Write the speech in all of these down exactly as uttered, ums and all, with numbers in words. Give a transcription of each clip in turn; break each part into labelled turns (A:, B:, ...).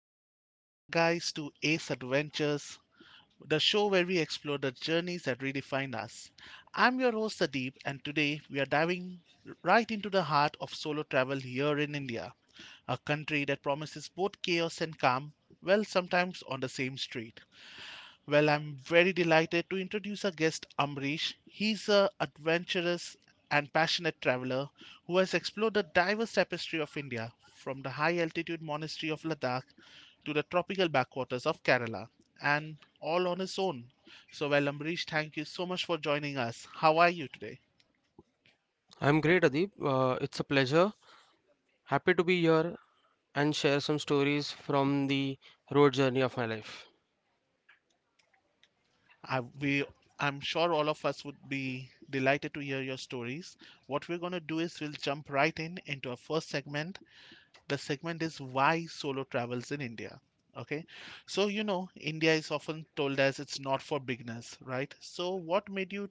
A: Welcome back, guys, to Ace Adventures, the show where we explore the journeys that redefine us. I'm your host, Sadeep, and today we are diving right into the heart of solo travel here in India, a country that promises both chaos and calm, well, sometimes on the same street. Well, I'm very delighted to introduce our guest Amrish. He's a adventurous and passionate traveler who has explored the diverse tapestry of India, from the high altitude monastery of Ladakh to the tropical backwaters of Kerala, and all on his own. So, well, Amrish, thank you so much for joining us. How are you today?
B: I'm great, Adeep. Uh, it's a pleasure. Happy to be here and share some stories from the road journey of my life.
A: I, we, I'm sure all of us would be delighted to hear your stories. What we're going to do is we'll jump right in into our first segment. The segment is why solo travels in India. Okay, so you know, India is often told as it's not for beginners, right? So, what made you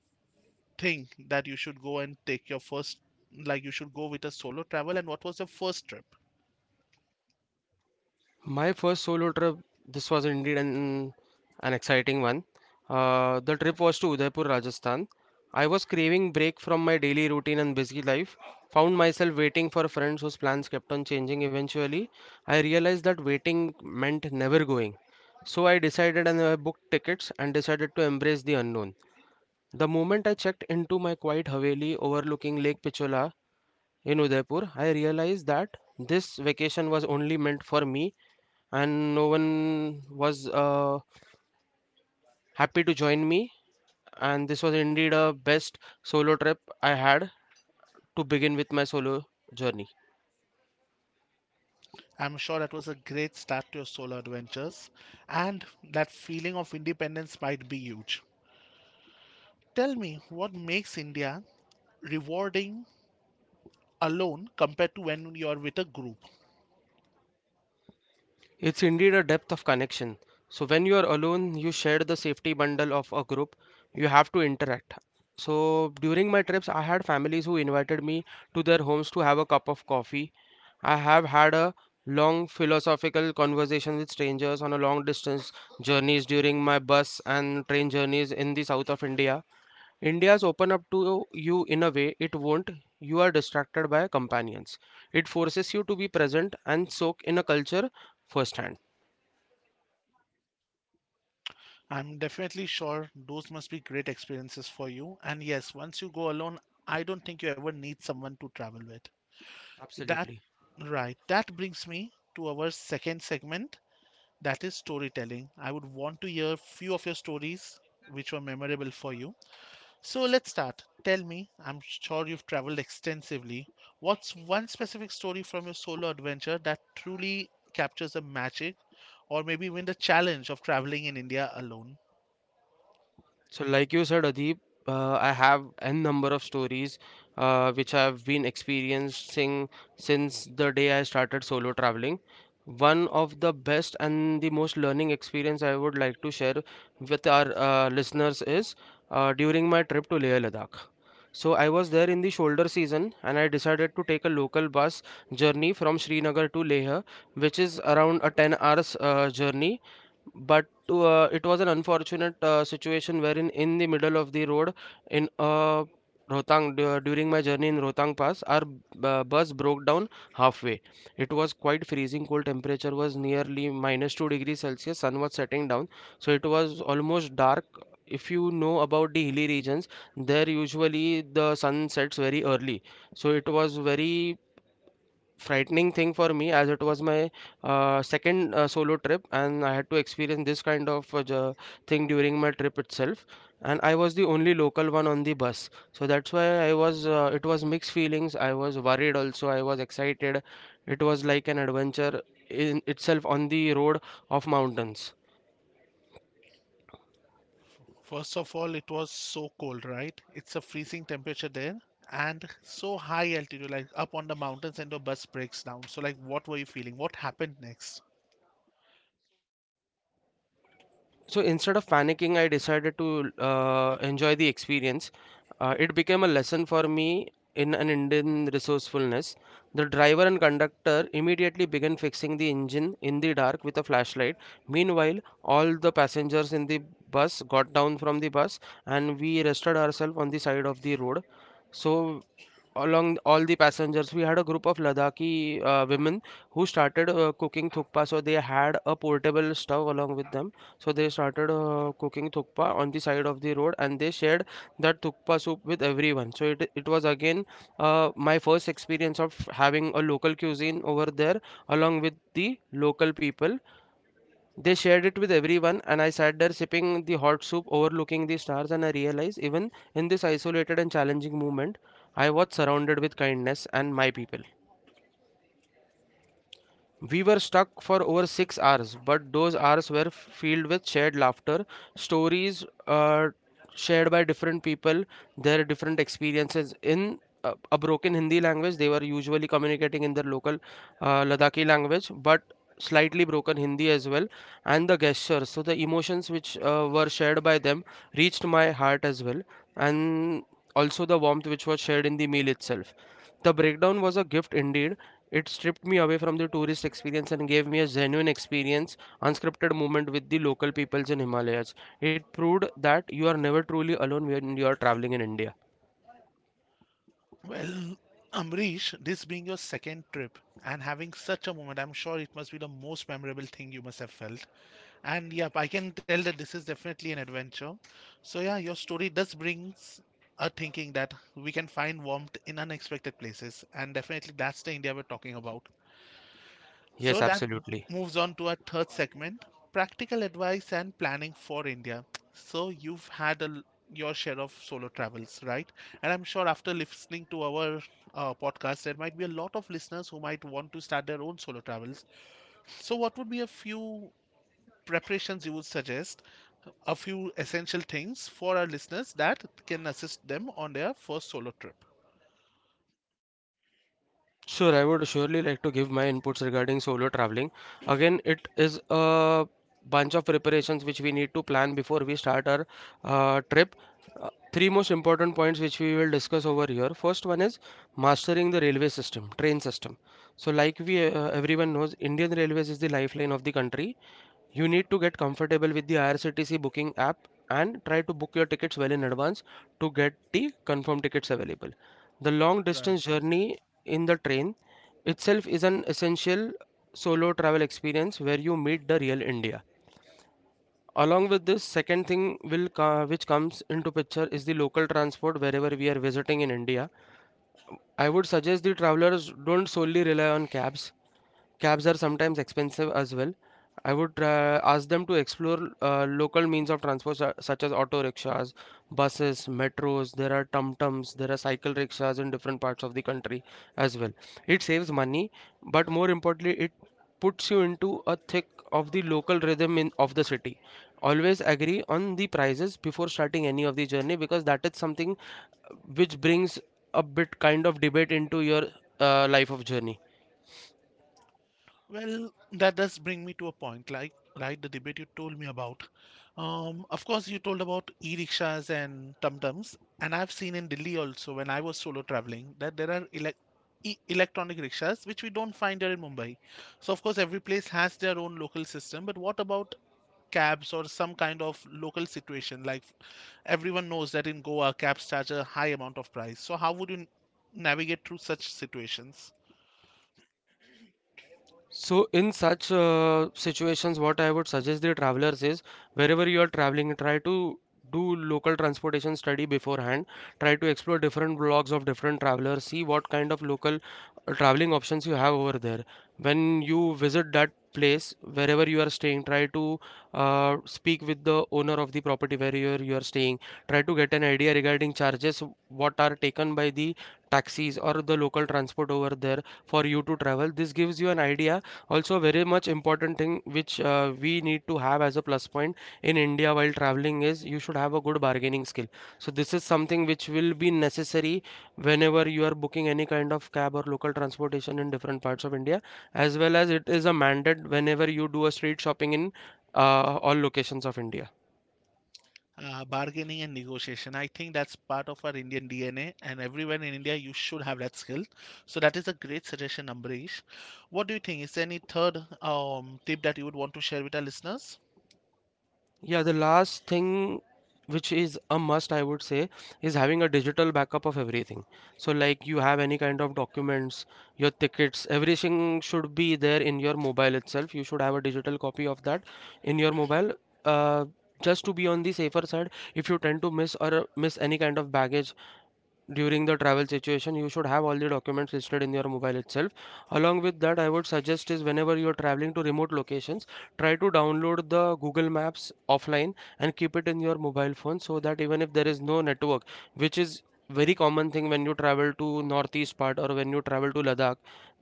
A: think that you should go and take your first, like, you should go with a solo travel, and what was your first trip?
B: My first solo trip, this was indeed an, an exciting one. Uh, the trip was to Udaipur, Rajasthan. I was craving break from my daily routine and busy life, found myself waiting for friends whose plans kept on changing. Eventually, I realized that waiting meant never going. So I decided and I booked tickets and decided to embrace the unknown. The moment I checked into my quiet Haveli overlooking Lake Pichola in Udaipur, I realized that this vacation was only meant for me and no one was uh, happy to join me. And this was indeed a best solo trip I had to begin with my solo journey.
A: I'm sure that was a great start to your solo adventures, and that feeling of independence might be huge. Tell me, what makes India rewarding alone compared to when you are with a group?
B: It's indeed a depth of connection. So when you are alone, you share the safety bundle of a group. You have to interact. So during my trips, I had families who invited me to their homes to have a cup of coffee. I have had a long philosophical conversation with strangers on a long distance journeys during my bus and train journeys in the south of India. India's open up to you in a way it won't. You are distracted by companions. It forces you to be present and soak in a culture firsthand.
A: I'm definitely sure those must be great experiences for you. And yes, once you go alone, I don't think you ever need someone to travel with. That,
B: Absolutely.
A: right. That brings me to our second segment, that is storytelling. I would want to hear few of your stories which were memorable for you. So let's start. Tell me, I'm sure you've traveled extensively. What's one specific story from your solo adventure that truly captures the magic or maybe even the challenge of traveling in India alone?
B: So, like you said, Adib, uh, I have n number of stories uh, which I've been experiencing since the day I started solo traveling. One of the best and the most learning experience I would like to share with our uh, listeners is uh, during my trip to Leh Ladakh. So I was there in the shoulder season and I decided to take a local bus journey from Srinagar to Leh, which is around a ten hours uh, journey. But to uh, it was an unfortunate uh, situation wherein in the middle of the road in uh, Rohtang du- during my journey in Rohtang Pass our uh, bus broke down halfway. It was quite freezing cold. Temperature was nearly minus two degrees Celsius. Sun was setting down, so it was almost dark. If you know about the hilly regions, there usually the sun sets very early, so it was very frightening thing for me, as it was my uh, second uh, solo trip and I had to experience this kind of uh, ju- thing during my trip itself. And I was the only local one on the bus, so that's why I was uh, it was mixed feelings. I was worried, also I was excited. It was like an adventure in itself on the road of mountains.
A: First of all, it was so cold, right? It's a freezing temperature there and so high altitude, like up on the mountains, and your bus breaks down. So, like, what were you feeling? What happened next?
B: So instead of panicking, I decided to uh, enjoy the experience. Uh, it became a lesson for me in an Indian resourcefulness. The driver and conductor immediately began fixing the engine in the dark with a flashlight. Meanwhile, all the passengers in the bus got down from the bus, and we rested ourselves on the side of the road. So along all the passengers, we had a group of Ladakhi uh, women who started uh, cooking thukpa. So they had a portable stove along with them. So they started uh, cooking thukpa on the side of the road, and they shared that thukpa soup with everyone. So it, it was again uh, my first experience of having a local cuisine over there along with the local people. They shared it with everyone, and I sat there sipping the hot soup, overlooking the stars. And I realized, even in this isolated and challenging moment, I was surrounded with kindness and my people. We were stuck for over six hours, but those hours were filled with shared laughter, stories uh, shared by different people, their different experiences in uh, a broken Hindi language. They were usually communicating in their local uh, Ladakhi language, but slightly broken Hindi as well. And the gestures, so the emotions which uh, were shared by them, reached my heart as well, and also the warmth which was shared in the meal itself. The breakdown was a gift indeed. It stripped me away from the tourist experience and gave me a genuine experience, unscripted moment with the local peoples in Himalayas. It proved that you are never truly alone when you are traveling in India.
A: Well, Amrish, this being your second trip and having such a moment, I'm sure it must be the most memorable thing you must have felt. And yep, I can tell that this is definitely an adventure. So, yeah, your story does brings a thinking that we can find warmth in unexpected places, and definitely that's the India we're talking about. So
B: Yes,
A: that. Yes.
B: absolutely.
A: Moves on to our third segment, practical advice and planning for India. So you've had a, l- your share of solo travels, right? And I'm sure after listening to our uh, podcast, there might be a lot of listeners who might want to start their own solo travels. So what would be a few preparations you would suggest, a few essential things for our listeners that can assist them on their first solo trip?
B: Sure, I would surely like to give my inputs regarding solo traveling. Again, it is a bunch of preparations which we need to plan before we start our uh, trip. Uh, three most important points which we will discuss over here. First one is mastering the railway system, train system. So, like we uh, everyone knows, Indian Railways is the lifeline of the country. You need to get comfortable with the I R C T C booking app and try to book your tickets well in advance to get the confirmed tickets available. The long
A: Right.
B: distance journey in the train itself is an essential solo travel experience where you meet the real India. Along with this, second thing will co- which comes into picture is the local transport wherever we are visiting in India. I would suggest the travelers don't solely rely on cabs. Cabs are sometimes expensive as well. I would uh, ask them to explore uh, local means of transport su- such as auto rickshaws, buses, metros. There are tum-tums, there are cycle rickshaws in different parts of the country as well. It saves money, but more importantly, it puts you into a thick of the local rhythm in of the city. Always agree on the prices before starting any of the journey, because that is something uh, which brings a bit kind of debate into your uh, life of journey.
A: Well, that does bring me to a point, like like the debate you told me about. Um, of course, you told about e-rickshaws and tum-tums, and I've seen in Delhi also when I was solo traveling that there are elec e electronic rickshaws which we don't find here in Mumbai. So of course, every place has their own local system. But what about cabs or some kind of local situation? Like everyone knows that in Goa, cabs charge a high amount of price. So how would you n- navigate through such situations?
B: So, in such uh, situations, what I would suggest the travelers is wherever you are traveling, try to do local transportation study beforehand. Try to explore different blogs of different travelers, see what kind of local uh, traveling options you have over there. When you visit that place, wherever you are staying, try to uh, speak with the owner of the property where you are, you are staying. Try to get an idea regarding charges, what are taken by the taxis or the local transport over there for you to travel. This gives you an idea. Also, very much important thing which uh, we need to have as a plus point in India while traveling is you should have a good bargaining skill. So this is something which will be necessary whenever you are booking any kind of cab or local transportation in different parts of India, as well as it is a mandate whenever you do a street shopping in uh, all locations of India.
A: Uh, bargaining and negotiation. I think that's part of our Indian D N A, and everywhere in India, you should have that skill. So that is a great suggestion, Ambrish. What do you think? Is there any third um, tip that you would want to share with our listeners?
B: Yeah, the last thing which is a must, I would say, is having a digital backup of everything. So, like you have any kind of documents, your tickets, everything should be there in your mobile itself. You should have a digital copy of that in your mobile. Uh, just to be on the safer side, if you tend to miss or uh, miss any kind of baggage during the travel situation, you should have all the documents listed in your mobile itself. Along with that, I would suggest is whenever you're traveling to remote locations, try to download the Google Maps offline and keep it in your mobile phone so that even if there is no network, which is very common thing when you travel to northeast part or when you travel to Ladakh,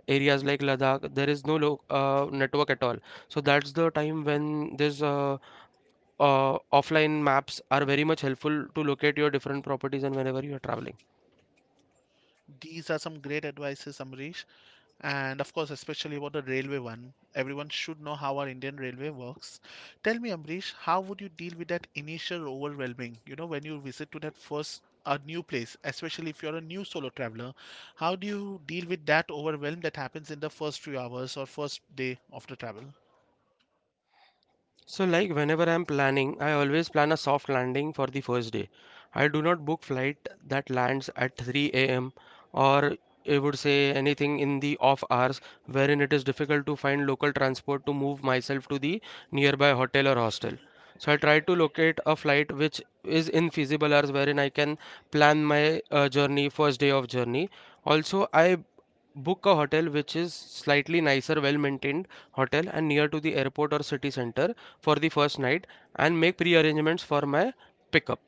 B: areas like Ladakh, there is no lo uh, network at all. So that's the time when this uh, uh, offline maps are very much helpful to locate your different properties and whenever you are traveling.
A: These are some great advices, Amrish. And of course, especially about the railway one. Everyone should know how our Indian railway works. Tell me, Amrish, how would you deal with that initial overwhelming? You know, when you visit to that first a new place, especially if you're a new solo traveler, how do you deal with that overwhelm that happens in the first few hours or first day of the travel?
B: So, like whenever I'm planning, I always plan a soft landing for the first day. I do not book flight that lands at three a m or I would say anything in the off hours wherein it is difficult to find local transport to move myself to the nearby hotel or hostel. So I try to locate a flight which is in feasible hours wherein I can plan my uh, journey, first day of journey. Also, I book a hotel which is slightly nicer, well maintained hotel and near to the airport or city center for the first night and make pre arrangements for my pickup.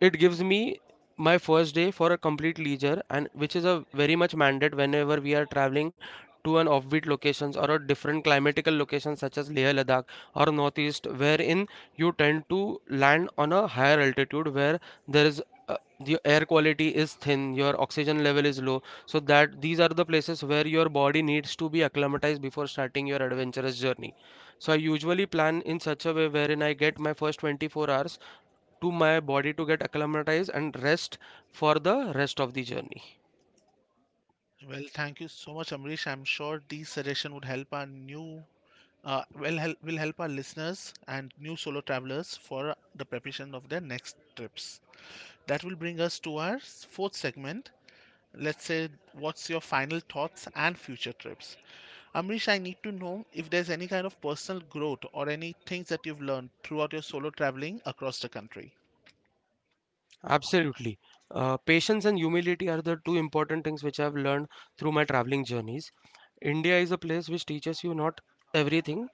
B: It gives me my first day for a complete leisure, and which is a very much mandate whenever we are traveling to an offbeat locations or a different climatical locations such as Leh Ladakh or northeast wherein you tend to land on a higher altitude where there is uh, the air quality is thin, your oxygen level is low. So that these are the places where your body needs to be acclimatized before starting your adventurous journey. So I usually plan in such a way wherein I get my first twenty-four hours to my body to get acclimatized and rest for the rest of the journey.
A: Well, thank you so much, Amrish. I'm sure these suggestions would help our new, uh, will help will help our listeners and new solo travelers for the preparation of their next trips. That will bring us to our s- fourth segment. Let's say, what's your final thoughts and future trips? Amrish, I need to know if there's any kind of personal growth or any things that you've learned throughout your solo traveling across the country.
B: Absolutely. Uh, patience and humility are the two important things which I've learned through my traveling journeys. India is a place which teaches you not everything,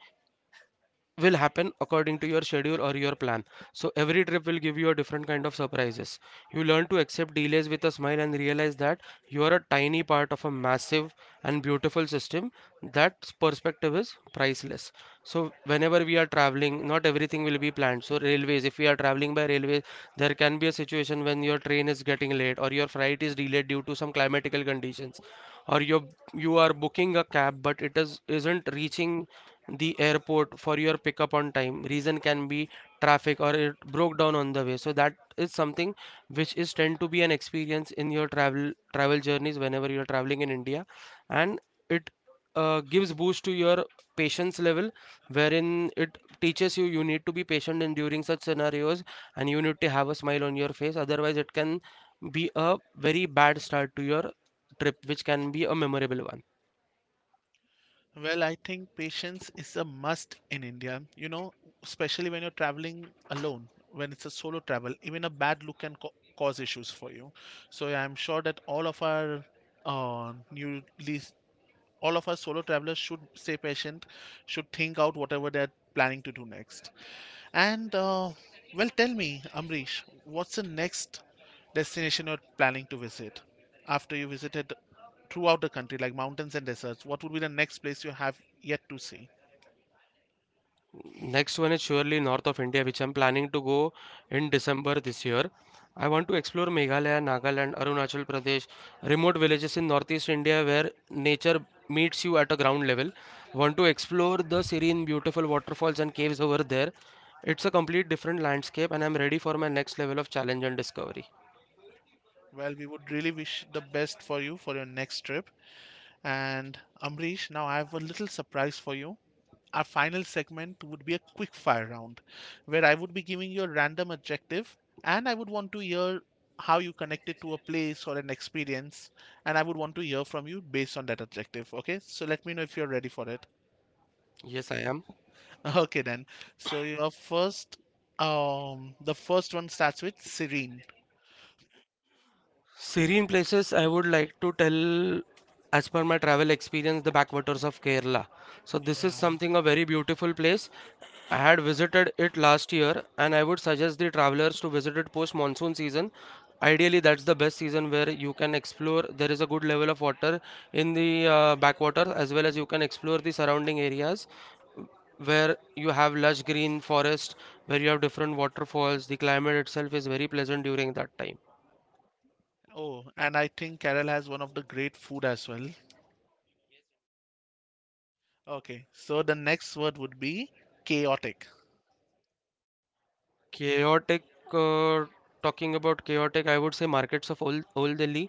B: will happen according to your schedule or your plan. So every trip will give you a different kind of surprises. You learn to accept delays with a smile and realize that you are a tiny part of a massive and beautiful system. That perspective is priceless. So whenever we are traveling, not everything will be planned. So railways, if we are traveling by railways, there can be a situation when your train is getting late or your flight is delayed due to some climatical conditions, or you you are booking a cab but it is isn't reaching the airport for your pickup on time. Reason can be traffic or it broke down on the way. So that is something which is tend to be an experience in your travel travel journeys whenever you are traveling in India, and it uh, gives boost to your patience level wherein it teaches you you need to be patient in during such scenarios and you need to have a smile on your face otherwise it can be a very bad start to your trip which can be a memorable one.
A: Well, I think patience is a must in India, you know, especially when you're traveling alone, when it's a solo travel, even a bad look can co- cause issues for you. So yeah, I'm sure that all of our uh, new least all of our solo travelers should stay patient, should think out whatever they're planning to do next. And uh, well, tell me, Amrish, what's the next destination you're planning to visit after you visited throughout the country, like mountains and deserts? What would be the next place you have yet to see?
B: Next one is surely north of India, which I'm planning to go in December this year. I want to explore Meghalaya, Nagaland, Arunachal Pradesh, remote villages in northeast India where nature meets you at a ground level. Want to explore the serene, beautiful waterfalls and caves over there. It's a complete different landscape, and I'm ready for my next level of challenge and discovery.
A: Well, we would really wish the best for you for your next trip. And Amrish, now I have a little surprise for you. Our final segment would be a quick fire round where I would be giving you a random adjective and I would want to hear how you connect it to a place or an experience and I would want to hear from you based on that adjective. Okay, so let me know if you're ready for it.
B: Yes, I am.
A: Okay, then. So your first, um, the first one starts with serene.
B: Serene places I would like to tell as per my travel experience the backwaters of Kerala. So this is
A: Yeah.
B: something a very beautiful place. I had visited it last year and I would suggest the travelers to visit it post monsoon season. Ideally that's the best season where you can explore there is a good level of water in the uh, backwater as well as you can explore the surrounding areas where you have lush green forest where you have different waterfalls, the climate itself is very pleasant during that time.
A: Oh, and I think Kerala has one of the great food as well. Okay, so the next word would be chaotic.
B: Chaotic, uh, talking about chaotic, I would say markets of old, old Delhi.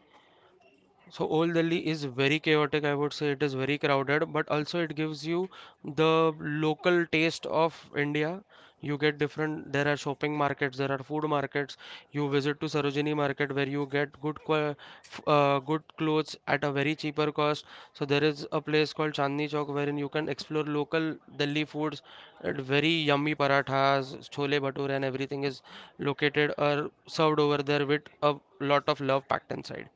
B: So Old Delhi is very chaotic, I would say it is very crowded, but also it gives you the local taste of India. You get different, there are shopping markets, there are food markets. You visit to Sarojini market where you get good qua- f- uh, good clothes at a very cheaper cost. So there is a place called Chandni Chowk wherein you can explore local Delhi foods and very yummy parathas, chole bhature and everything is located or served over there with a lot of love packed inside.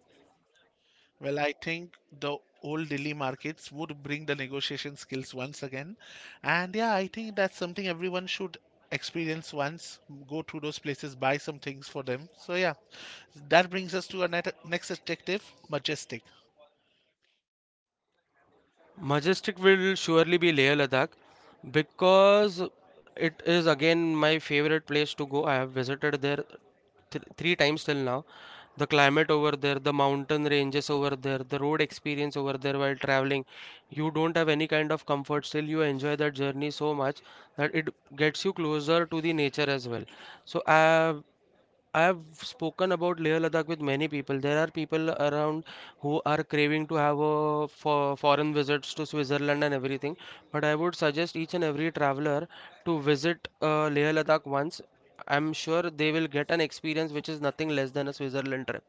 A: Well, I think the old Delhi markets would bring the negotiation skills once again. And yeah, I think that's something everyone should experience once. Go to those places, buy some things for them. So yeah, that brings us to our net- next adjective, majestic.
B: Majestic will surely be Leh Ladakh because it is again my favorite place to go. I have visited there th- three times till now. The climate over there, the mountain ranges over there, the road experience over there while traveling. You don't have any kind of comfort, still you enjoy that journey so much that it gets you closer to the nature as well. So I I have spoken about Leh Ladakh with many people. There are people around who are craving to have a for foreign visits to Switzerland and everything. But I would suggest each and every traveler to visit uh, Leh Ladakh once. I'm sure they will get an experience which is nothing less than a Switzerland trip.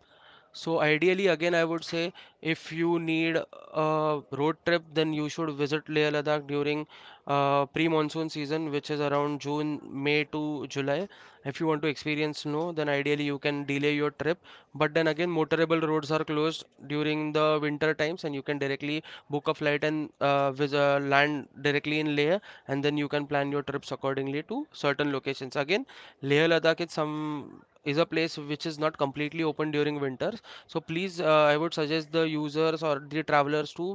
B: So ideally, again, I would say if you need a road trip, then you should visit Leh Ladakh during uh, pre-monsoon season, which is around June, May to July. If you want to experience snow, then ideally you can delay your trip. But then again, motorable roads are closed during the winter times, and you can directly book a flight and uh, vis- uh, land directly in Leh, and then you can plan your trips accordingly to certain locations. Again, Leh Ladakh is some is a place which is not completely open during winters, so please, uh, I would suggest the users or the travelers to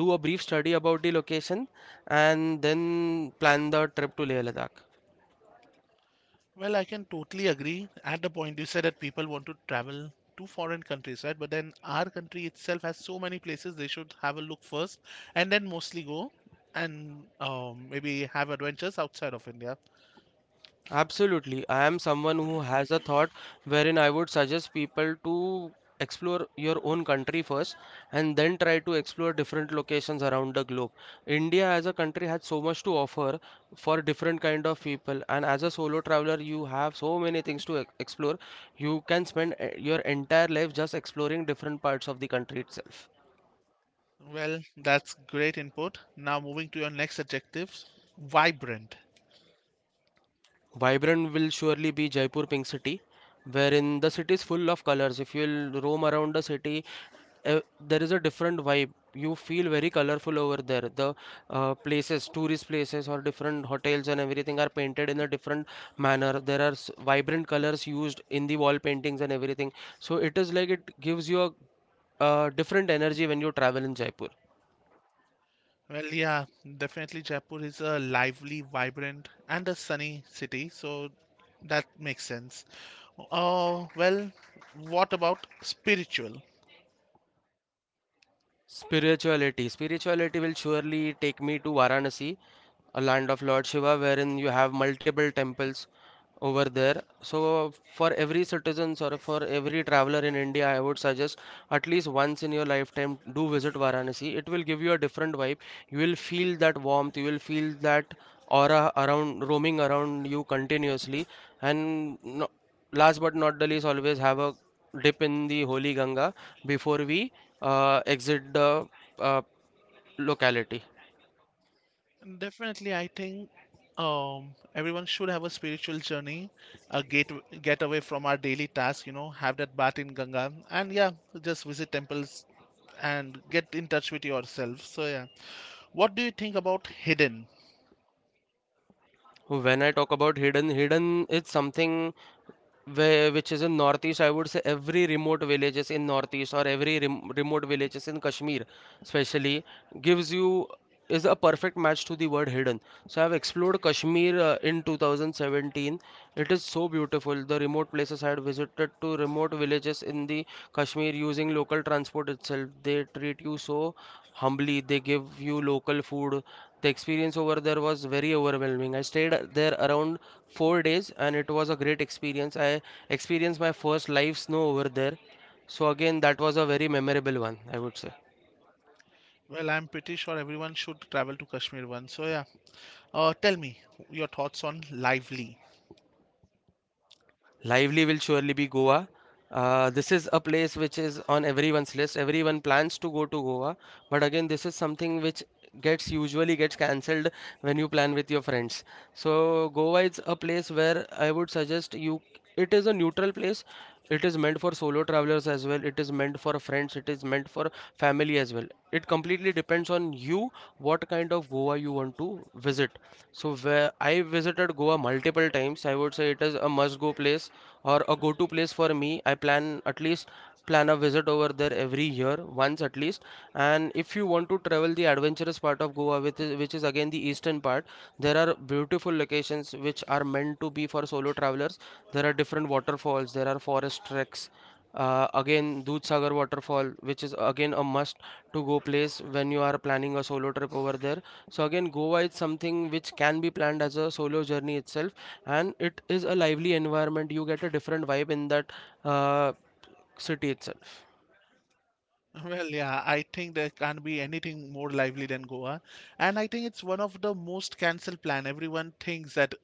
B: do a brief study about the location and then plan the trip to Leh Ladakh.
A: Well, I can totally agree. At the point you said that people want to travel to foreign countries, right? But then our country itself has so many places they should have a look first and then mostly go and um, maybe have adventures outside of India.
B: Absolutely. I am someone who has a thought wherein I would suggest people to explore your own country first and then try to explore different locations around the globe. India as a country has so much to offer for different kind of people and as a solo traveler you have so many things to e- explore. You can spend eh, your entire life just exploring different parts of the country itself.
A: Well, that's great input. Now moving to your next adjectives, vibrant.
B: Vibrant will surely be Jaipur Pink City, wherein the city is full of colors. If you'll roam around the city, uh, there is a different vibe. You feel very colorful over there. The uh, places, tourist places, or different hotels and everything are painted in a different manner. There are s- vibrant colors used in the wall paintings and everything. So it is like it gives you a uh, different energy when you travel in Jaipur.
A: Well, yeah, definitely Jaipur is a lively, vibrant, and a sunny city, so that makes sense. Uh, well, what about spiritual?
B: Spirituality. Spirituality will surely take me to Varanasi, a land of Lord Shiva, wherein you have multiple temples over there. So for every citizens or for every traveler in India, I would suggest at least once in your lifetime do visit Varanasi. It will give you a different vibe. You will feel that warmth. You will feel that aura around roaming around you continuously. And no, last but not the least, always have a dip in the holy Ganga before we uh, exit the uh, locality.
A: Definitely, I think um, everyone should have a spiritual journey, a get get away from our daily task. You know, have that bath in Ganga, and yeah, just visit temples and get in touch with yourself. So yeah, what do you think about hidden?
B: When I talk about hidden, hidden is something where, which is in northeast. I would say every remote villages in northeast or every rem remote villages in Kashmir, especially, gives you is a perfect match to the word hidden. So I've explored Kashmir uh, in two thousand seventeen. It is so beautiful. The remote places I had visited to remote villages in the Kashmir using local transport itself. They treat you so humbly. They give you local food. The experience over there was very overwhelming. I stayed there around four days and it was a great experience. I experienced my first live snow over there. So, again, that was a very memorable one, I would say.
A: Well, I'm pretty sure everyone should travel to Kashmir once. So yeah, uh, tell me your thoughts on lively.
B: Lively will surely be Goa. Uh, this is a place which is on everyone's list. Everyone plans to go to Goa, but again, this is something which gets usually gets cancelled when you plan with your friends. So Goa is a place where I would suggest you. It is a neutral place. It is meant for solo travelers as well. It is meant for friends. It is meant for family as well. It completely depends on you what kind of Goa you want to visit. So where I visited Goa multiple times, I would say it is a must-go place or a go-to place for me. I plan at least plan a visit over there every year, once at least. And if you want to travel the adventurous part of Goa, which is, which is again the eastern part, there are beautiful locations which are meant to be for solo travelers. There are different waterfalls, there are forest treks, uh, again, Dudh Sagar waterfall, which is again a must to go place when you are planning a solo trip over there. So again, Goa is something which can be planned as a solo journey itself, and it is a lively environment. You get a different vibe in that uh, city itself.
A: Well, yeah, I think there can't be anything more lively than Goa. And I think it's one of the most cancelled plan. Everyone thinks that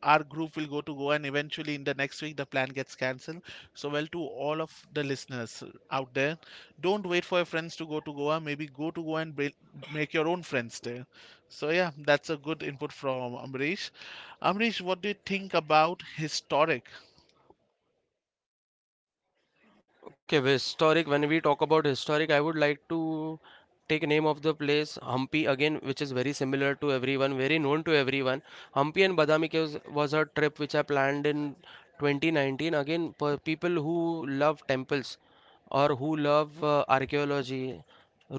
A: our group will go to Goa and eventually in the next week the plan gets cancelled. So well to all of the listeners out there, don't wait for your friends to go to Goa. Maybe go to Goa and buil- make your own friends there. So yeah, that's a good input from Amrish. Amrish, what do you think about historic?
B: Okay, well, historic. When we talk about historic, I would like to take name of the place Hampi again, which is very similar to everyone, very known to everyone. Hampi and Badami Caves was a trip which I planned in twenty nineteen. Again, for people who love temples, or who love uh, archaeology,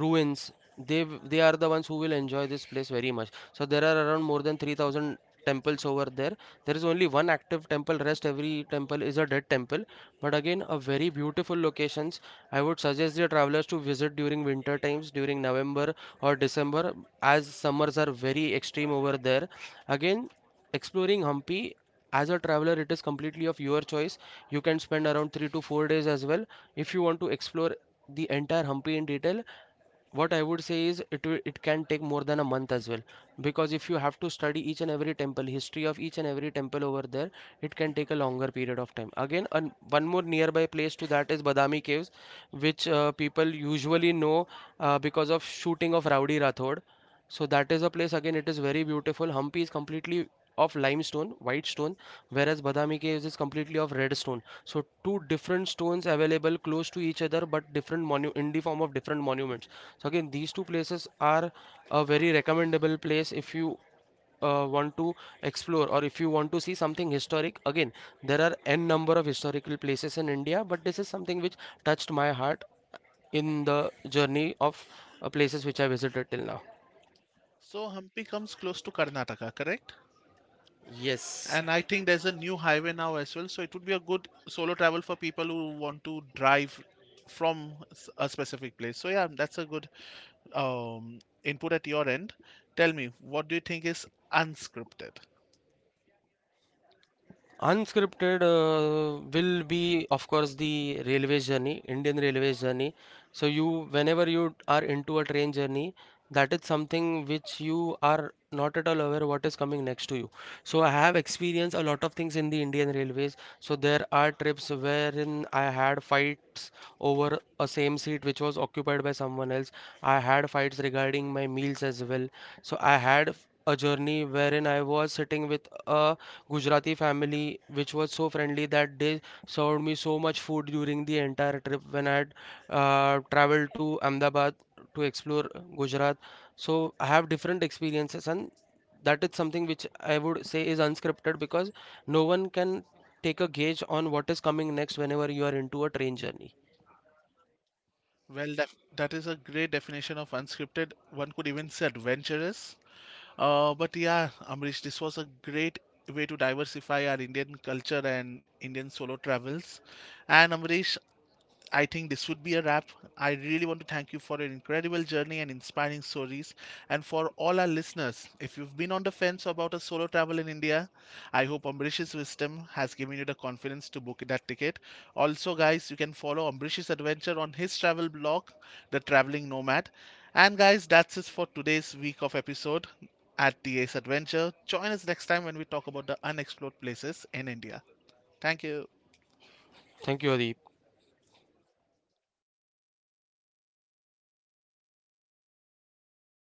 B: ruins, they w- they are the ones who will enjoy this place very much. So there are around more than three thousand temples over there. There is only one active temple. Rest every temple is a dead temple. But again, a very beautiful locations. I would suggest the travelers to visit during winter times, during November or December, as summers are very extreme over there. Again. Exploring Hampi as a traveler, it is completely of your choice. You can spend around three to four days as well if you want to explore the entire Hampi in detail. What I would say is it will- it can take more than a month as well because if you have to study each and every temple, history of each and every temple over there, it can take a longer period of time. Again, an, one more nearby place to that is Badami Caves, which uh, people usually know uh, because of shooting of Rowdy Rathod. So that is a place again. It is very beautiful. Hampi is completely of limestone, white stone, whereas Badami Caves is completely of red stone. So two different stones available close to each other, but different monu in the form of different monuments. So again, these two places are a very recommendable place if you uh, want to explore or if you want to see something historic. Again, there are n number of historical places in India, but this is something which touched my heart in the journey of uh, places which I visited till now.
A: So Hampi comes close to Karnataka, correct?
B: Yes,
A: And I think there's a new highway now as well, so it would be a good solo travel for people who want to drive from s- a specific place. So yeah, that's a good um, input at your end. Tell me, what do you think is unscripted?
B: unscripted uh, will be, of course, the railway journey, Indian railway journey. So you, whenever you are into a train journey, that is something which you are not at all aware what is coming next to you. So I have experienced a lot of things in the Indian railways. So there are trips wherein I had fights over a same seat which was occupied by someone else. I had fights regarding my meals as well. So I had a journey wherein I was sitting with a Gujarati family, which was so friendly that they served me so much food during the entire trip when I had uh, traveled to Ahmedabad to explore Gujarat. So I have different experiences, and that is something which I would say is unscripted because no one can take a gauge on what is coming next whenever you are into a train journey.
A: Well, that, that is a great definition of unscripted. One could even say adventurous. Uh, but yeah, Amrish, this was a great way to diversify our Indian culture and Indian solo travels. And Amrish, I think this would be a wrap. I really want to thank you for your incredible journey and inspiring stories. And for all our listeners, if you've been on the fence about a solo travel in India, I hope Ambrish's wisdom has given you the confidence to book that ticket. Also, guys, you can follow Ambrish's adventure on his travel blog, The Traveling Nomad. And, guys, that's it for today's week of episode at T A's Adventure. Join us next time when we talk about the unexplored places in India. Thank you.
B: Thank you, Adi.